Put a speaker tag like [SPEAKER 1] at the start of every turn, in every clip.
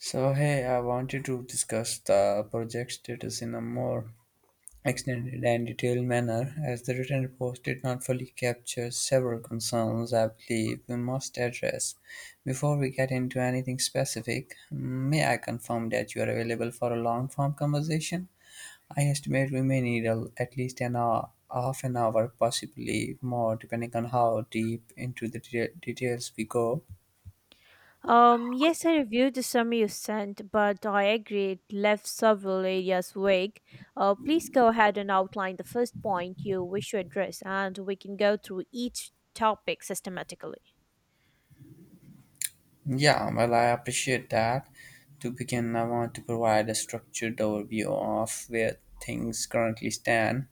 [SPEAKER 1] So, hey, I wanted to discuss the project status in a more extended and detailed manner, as the written report did not fully capture several concerns I believe we must address. Before we get into anything specific, may I confirm that you are available for a long form conversation? I estimate we may need at least an hour, half an hour, possibly more, depending on how deep into the details we go.
[SPEAKER 2] Yes, I reviewed the summary you sent, but I agree it left several areas vague. Please go ahead and outline the first point you wish to address, and we can go through each topic systematically.
[SPEAKER 1] Yeah, well, I appreciate that. To begin, I want to provide a structured overview of where things currently stand.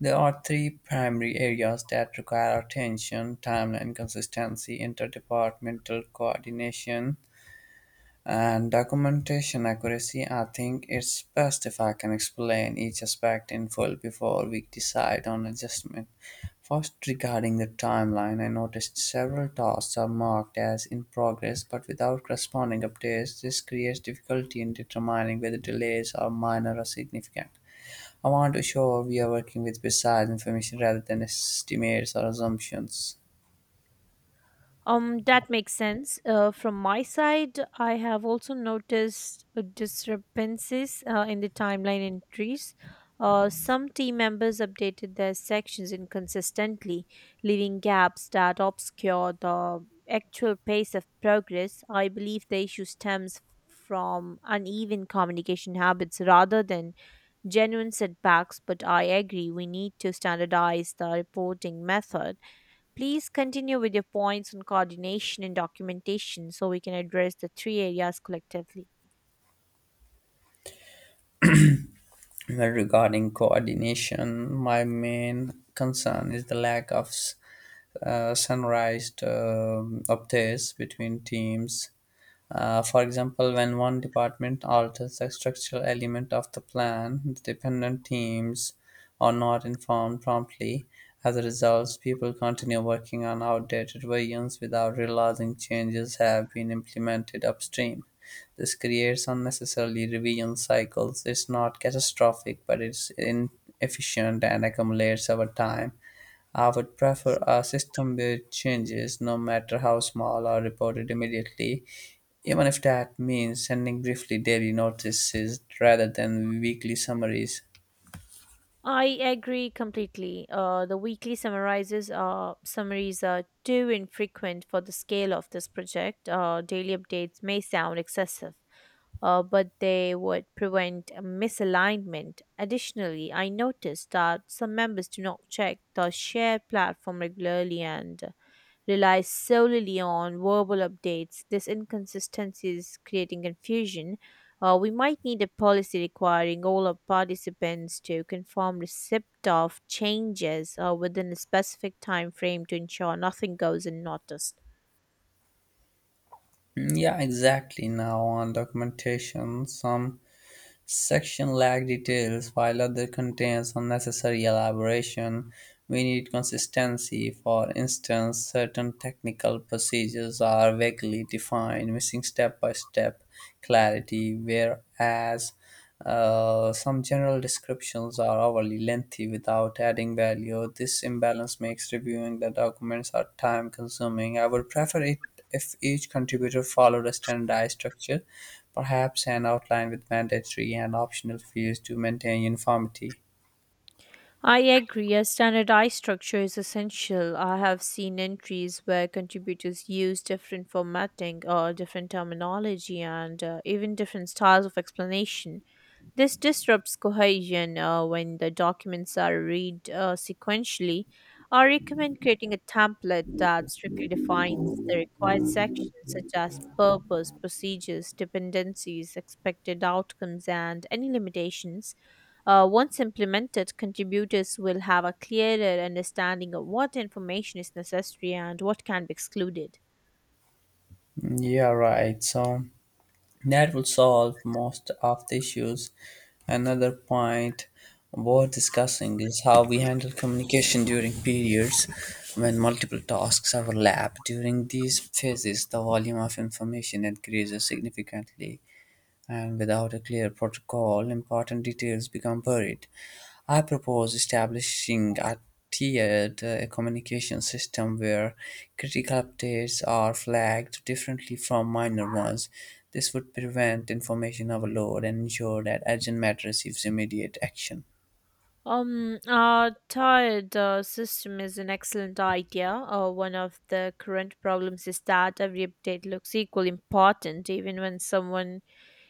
[SPEAKER 1] There are three primary areas that require attention timeline consistency, interdepartmental coordination, and documentation accuracy. I think it's best if I can explain each aspect in full before we decide on adjustment. First regarding the timeline, I noticed several tasks are marked as in progress but without corresponding updates. This creates difficulty in determining whether delays are minor or significant. I want to ensure we are working with precise information rather than estimates or assumptions.
[SPEAKER 2] That makes sense. From my side, I have also noticed discrepancies in the timeline entries. Some team members updated their sections inconsistently, leaving gaps that obscure the actual pace of progress. I believe the issue stems from uneven communication habits rather than genuine setbacks, but I agree we need to standardize the reporting method. Please continue with your points on coordination and documentation so we can address the three areas collectively.
[SPEAKER 1] Well, regarding coordination, my main concern is the lack of sunrise updates between teams. For example, when one department alters a structural element of the plan, the dependent teams are not informed promptly. As a result, people continue working on outdated versions without realizing changes have been implemented upstream. This creates unnecessarily revision cycles. It's not catastrophic, but it's inefficient and accumulates over time. I would prefer a system where changes, no matter how small, are reported immediately, even if that means sending briefly daily notices rather than weekly summaries.
[SPEAKER 2] I agree completely. The weekly summarizes summaries are too infrequent for the scale of this project. Daily updates may sound excessive, but they would prevent a misalignment. Additionally, I noticed that some members do not check the shared platform regularly and relies solely on verbal updates. This inconsistency is creating confusion. We might need a policy requiring all our participants to confirm receipt of changes within a specific time frame to ensure nothing goes unnoticed.
[SPEAKER 1] Mm, yeah, exactly. Now, on documentation, some section lack details, while other contains unnecessary elaboration. We need consistency. For instance, certain technical procedures are vaguely defined, missing step by step clarity, whereas some general descriptions are overly lengthy without adding value. This imbalance makes reviewing the documents are time consuming. I would prefer it if each contributor followed a standardized structure, perhaps an outline with mandatory and optional fields to maintain uniformity.
[SPEAKER 2] I agree. A standardized structure is essential. I have seen entries where contributors use different formatting or different terminology and even different styles of explanation. This disrupts cohesion when the documents are read sequentially. I recommend creating a template that strictly defines the required sections such as purpose, procedures, dependencies, expected outcomes, and any limitations. Once implemented, contributors will have a clearer understanding of what information is necessary and what can be excluded.
[SPEAKER 1] Mm, yeah, right. So that would solve most of the issues. Another point worth discussing is how we handle communication during periods when multiple tasks overlap. During these phases, the volume of information increases significantly, and without a clear protocol, important details become buried. I propose establishing a tiered communication system where critical updates are flagged differently from minor ones. This would prevent information overload and ensure that urgent matter receives immediate action.
[SPEAKER 2] Tired system is an excellent idea. One of the current problems is that every update looks equally important, even when someone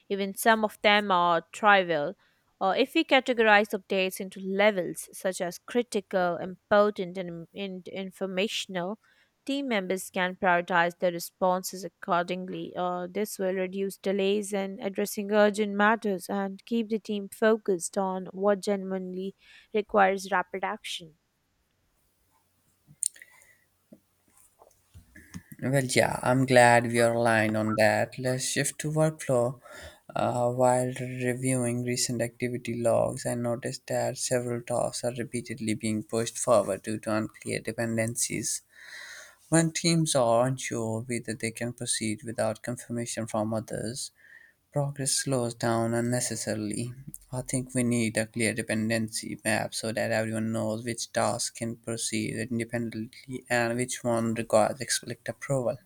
[SPEAKER 2] even some of them are trivial. If we categorize updates into levels such as critical, important, and informational, team members can prioritize their responses accordingly. This will reduce delays in addressing urgent matters and keep the team focused on what genuinely requires rapid action.
[SPEAKER 1] Well, yeah, I'm glad we are aligned on that. Let's shift to workflow. While reviewing recent activity logs, I noticed that several tasks are repeatedly being pushed forward due to unclear dependencies. When teams are unsure whether they can proceed without confirmation from others, progress slows down unnecessarily. I think we need a clear dependency map so that everyone knows which task can proceed independently and which one requires explicit approval.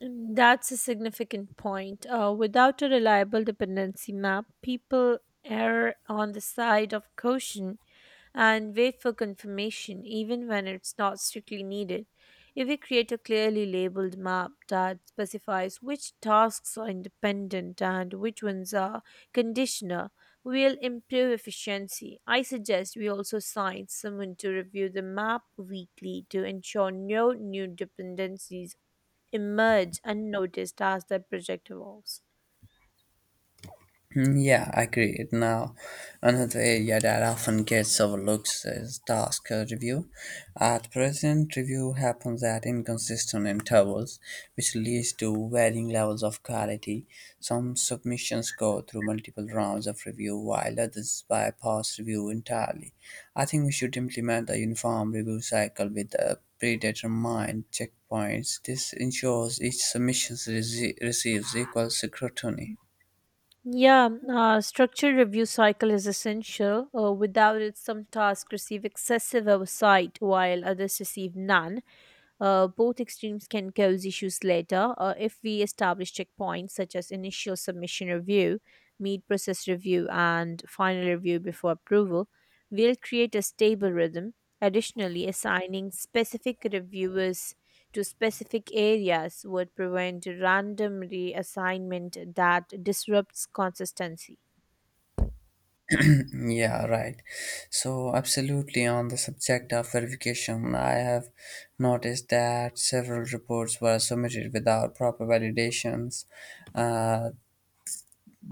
[SPEAKER 2] That's a significant point. Without a reliable dependency map, people err on the side of caution and wait for confirmation, even when it's not strictly needed. If we create a clearly labeled map that specifies which tasks are independent and which ones are conditional, we'll improve efficiency. I suggest we also assign someone to review the map weekly to ensure no new dependencies emerge unnoticed as the project evolves.
[SPEAKER 1] Mm, yeah, I agree. Now, another area that often gets overlooked is task review. At present, review happens at inconsistent intervals, which leads to varying levels of quality. Some submissions go through multiple rounds of review, while others bypass review entirely. I think we should implement a uniform review cycle with predetermined checkpoints. This ensures each submission receives equal scrutiny.
[SPEAKER 2] Yeah, structured review cycle is essential. Without it, some tasks receive excessive oversight while others receive none. Both extremes can cause issues later. If we establish checkpoints such as initial submission review, mid process review, and final review before approval, we'll create a stable rhythm. Additionally, assigning specific reviewers to specific areas would prevent random reassignment that disrupts consistency.
[SPEAKER 1] Yeah, right. So, absolutely, on the subject of verification, I have noticed that several reports were submitted without proper validations. Uh,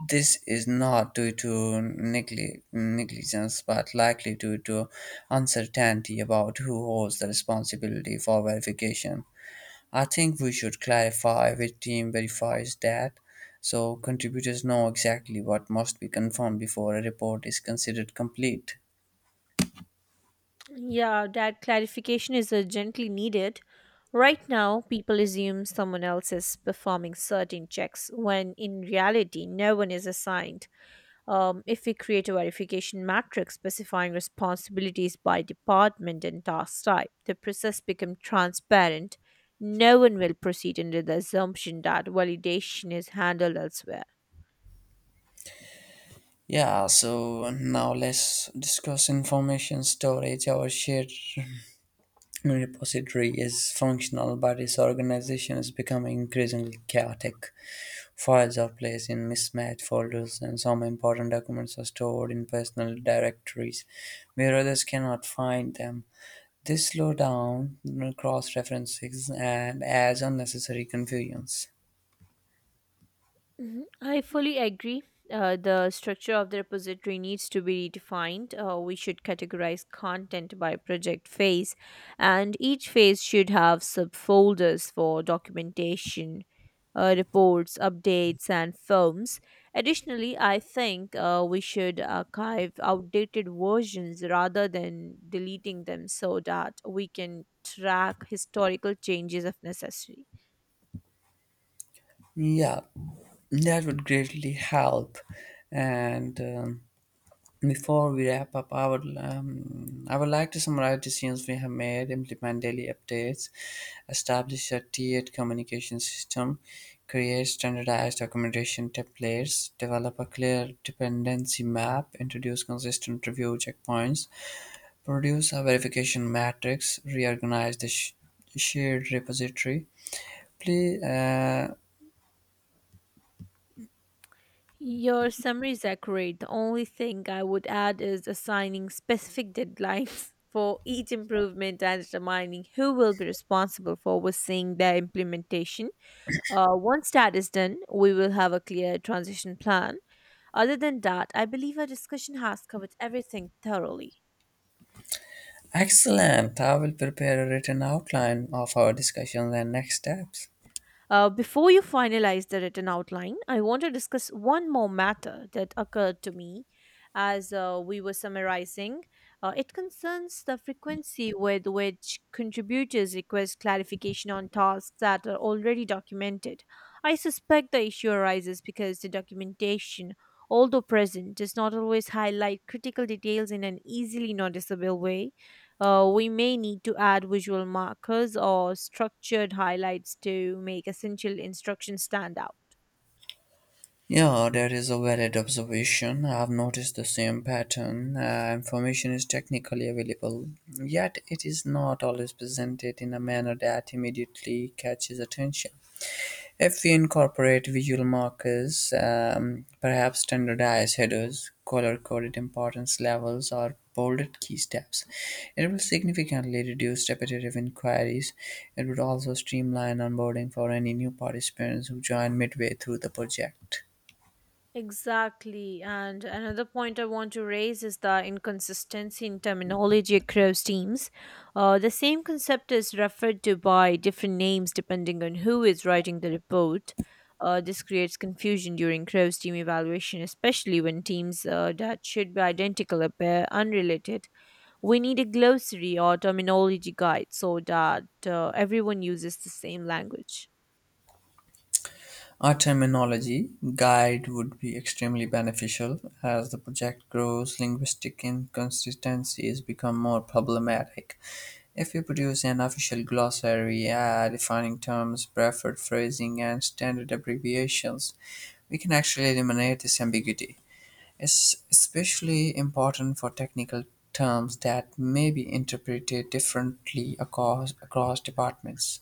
[SPEAKER 1] this is not due to negligence, but likely due to uncertainty about who holds the responsibility for verification. I think we should clarify which team verifies that so contributors know exactly what must be confirmed before a report is considered complete.
[SPEAKER 2] Yeah, that clarification is urgently needed. Right now, people assume someone else is performing certain checks when in reality, no one is assigned. If we create a verification matrix specifying responsibilities by department and task type, the process becomes transparent. No one will proceed under the assumption that validation is handled elsewhere.
[SPEAKER 1] Yeah, so now let's discuss information storage. Our shared repository is functional, but its organization is becoming increasingly chaotic. Files are placed in mismatched folders, and some important documents are stored in personal directories where others cannot find them. This slows down cross references and adds unnecessary confusions.
[SPEAKER 2] Mhm. I fully agree. The structure of the repository needs to be defined. We should categorize content by project phase, and each phase should have subfolders for documentation, reports, updates, and films. Additionally, I think we should archive outdated versions rather than deleting them so that we can track historical changes if necessary.
[SPEAKER 1] Yeah, that would greatly help. And Before we wrap up, I would like to summarize decisions we have made, implement daily updates, establish a tiered communication system, create standardized documentation templates, develop a clear dependency map, introduce consistent review checkpoints, produce a verification matrix, reorganize the shared repository. Please,
[SPEAKER 2] Your summary is accurate. The only thing I would add is assigning specific deadlines for each improvement and determining who will be responsible for overseeing their implementation. Once that is done, we will have a clear transition plan. Other than that, I believe our discussion has covered everything thoroughly.
[SPEAKER 1] excellent. I will prepare a written outline of our discussions and next steps.
[SPEAKER 2] Before you finalize the written outline, I want to discuss one more matter that occurred to me as we were summarizing. It concerns the frequency with which contributors request clarification on tasks that are already documented. I suspect the issue arises because the documentation, although present, does not always highlight critical details in an easily noticeable way. We may need to add visual markers or structured highlights to make essential instructions stand out.
[SPEAKER 1] Yeah, that is a valid observation. I've noticed the same pattern. Information is technically available, yet it is not always presented in a manner that immediately catches attention. If we incorporate visual markers, perhaps standardized headers, color coded importance levels, or bolded key steps, it will significantly reduce repetitive inquiries. It would also streamline onboarding for any new participants who join midway through the project.
[SPEAKER 2] Exactly. And another point I want to raise is the inconsistency in terminology across teams. The same concept is referred to by different names depending on who is writing the report. This creates confusion during cross team evaluation, especially when teams that should be identical appear unrelated. We need a glossary or terminology guide so that everyone uses the same language.
[SPEAKER 1] Our terminology guide would be extremely beneficial as the project grows. Linguistic inconsistencies become more problematic. If we produce an official glossary, defining terms, preferred phrasing, and standard abbreviations, we can actually eliminate this ambiguity. It's especially important for technical terms that may be interpreted differently across departments.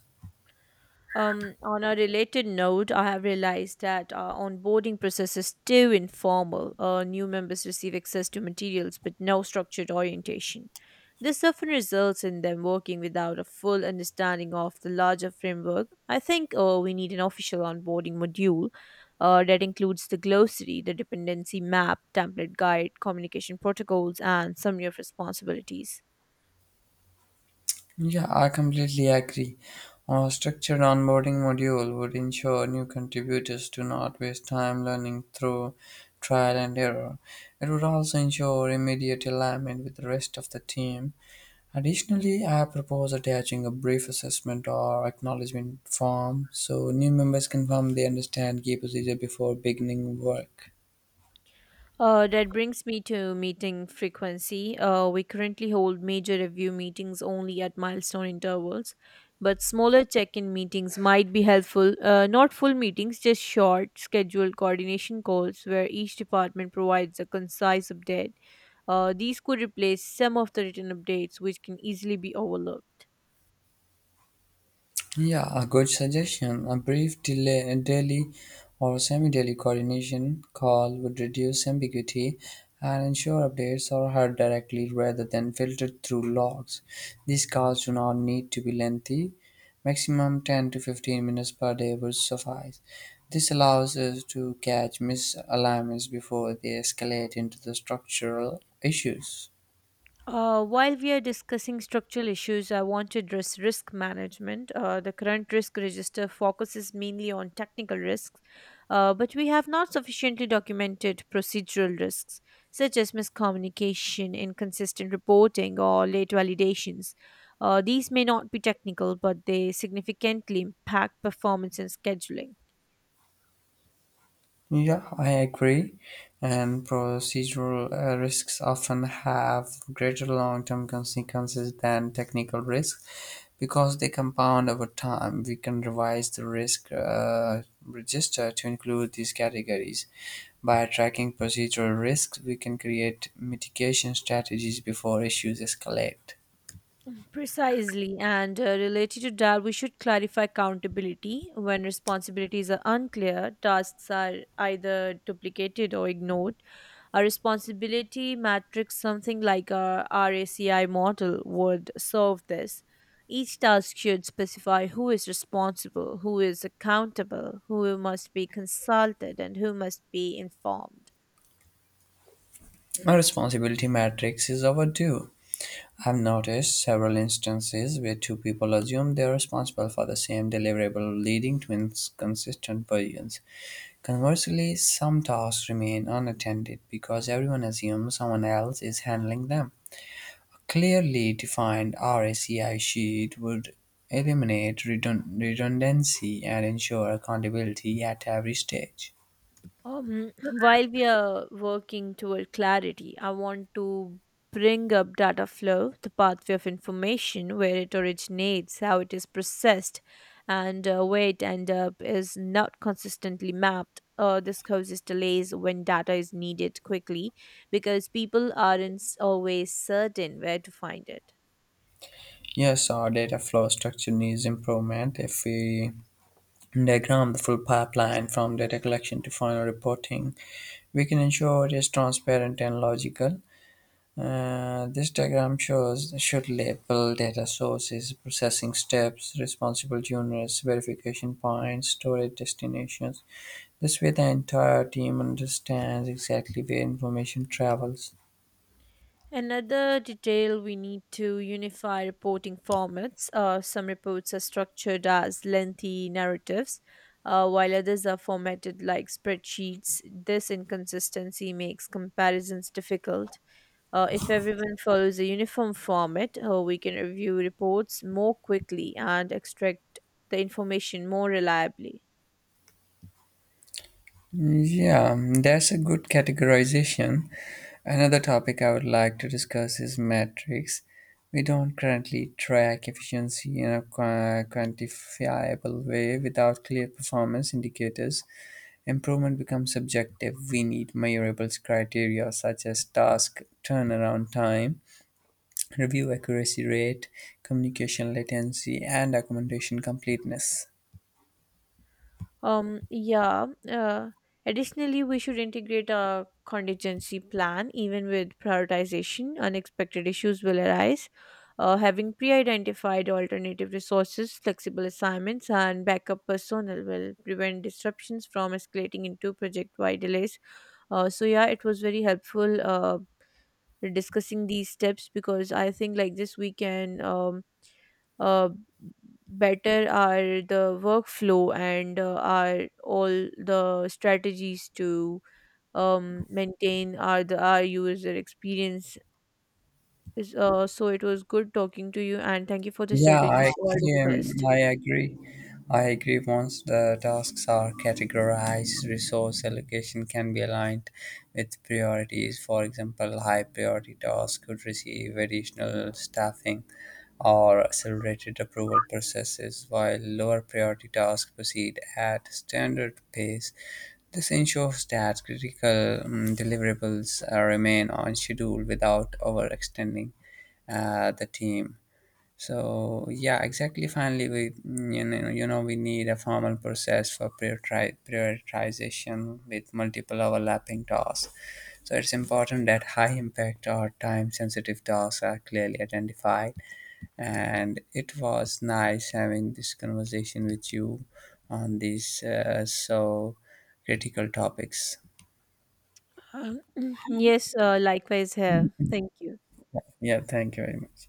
[SPEAKER 2] On a related note, I have realized that our onboarding process is too informal. New members receive access to materials but no structured orientation. This often results in them working without a full understanding of the larger framework. I think we need an official onboarding module that includes the glossary, the dependency map, template guide, communication protocols, and summary of responsibilities.
[SPEAKER 1] Yeah, I completely agree. A structured onboarding module would ensure new contributors do not waste time learning through trial and error. It would also ensure immediate alignment with the rest of the team. Additionally, I propose attaching a brief assessment or acknowledgement form so new members confirm they understand key procedure before beginning work.
[SPEAKER 2] That brings me to meeting frequency. We currently hold major review meetings only at milestone intervals, but smaller check in meetings might be helpful. Not full meetings, just short, scheduled coordination calls where each department provides a concise update. These could replace some of the written updates, which can easily be overlooked.
[SPEAKER 1] Yeah, a good suggestion. A brief delay, daily or semi daily coordination call would reduce ambiguity and ensure updates are heard directly rather than filtered through logs. These calls do not need to be lengthy. Maximum 10 to 15 minutes per day would suffice. This allows us to catch misalignments before they escalate into the structural issues.
[SPEAKER 2] While we are discussing structural issues, I want to address risk management. The current risk register focuses mainly on technical risks, but we have not sufficiently documented procedural risks, such as miscommunication, inconsistent reporting, or late validations. These may not be technical, but they significantly impact performance and scheduling.
[SPEAKER 1] Yeah, I agree. And procedural risks often have greater long term consequences than technical risks because they compound over time. We can revise the risk register to include these categories. By tracking procedural risks, we can create mitigation strategies before issues escalate.
[SPEAKER 2] Precisely, and related to that, we should clarify accountability. When responsibilities are unclear, tasks are either duplicated or ignored. A responsibility matrix, something like a RACI model, would solve this. Each task should specify who is responsible, who is accountable, who must be consulted, and who must be informed.
[SPEAKER 1] A responsibility matrix is overdue. I've noticed several instances where two people assume they are responsible for the same deliverable, leading to inconsistent versions. Conversely, some tasks remain unattended because everyone assumes someone else is handling them. A clearly defined RACI sheet would eliminate redundancy and ensure accountability at every stage.
[SPEAKER 2] While we are working toward clarity, I want to bring up data flow, the pathway of information, where it originates, how it is processed, and where it end up is not consistently mapped. This causes delays when data is needed quickly because people aren't always certain where to find it.
[SPEAKER 1] Yes, our data flow structure needs improvement if we diagram the full pipeline from data collection to final reporting. We can ensure it is transparent and logical. This diagram shows should label data sources, processing steps, responsible units, verification points, storage destinations. This way, the entire team understands exactly where information travels.
[SPEAKER 2] Another detail we need to unify reporting formats. Some reports are structured as lengthy narratives, while others are formatted like spreadsheets. This inconsistency makes comparisons difficult. If everyone follows a uniform format, we can review reports more quickly and extract the information more reliably.
[SPEAKER 1] Yeah, that's a good categorization. Another topic I would like to discuss is metrics. We don't currently track efficiency in a quantifiable way without clear performance indicators. Improvement becomes subjective. We need measurable criteria such as task turnaround time, review accuracy rate, communication latency, and documentation completeness.
[SPEAKER 2] Yeah. Additionally, we should integrate a contingency plan even with prioritization. Unexpected issues will arise. Having pre identified alternative resources, flexible assignments, and backup personnel will prevent disruptions from escalating into project wide delays. So, yeah, it was very helpful discussing these steps because I think like this we can. Uh, Better are the workflow and are all the strategies to maintain our user experience. So it was good talking to you, and thank you for the strategies you all discussed.
[SPEAKER 1] I agree. I agree. Once the tasks are categorized, resource allocation can be aligned with priorities. For example, high priority tasks could receive additional staffing or accelerated approval processes, while lower priority tasks proceed at standard pace. This ensures that critical deliverables remain on schedule without overextending the team. So yeah, exactly. Finally, we need a formal process for prioritization with multiple overlapping tasks. So it's important that high impact or time sensitive tasks are clearly identified. And it was nice having this conversation with you on these critical topics.
[SPEAKER 2] Um, yes, likewise here. Thank you.
[SPEAKER 1] Yeah, thank you very much.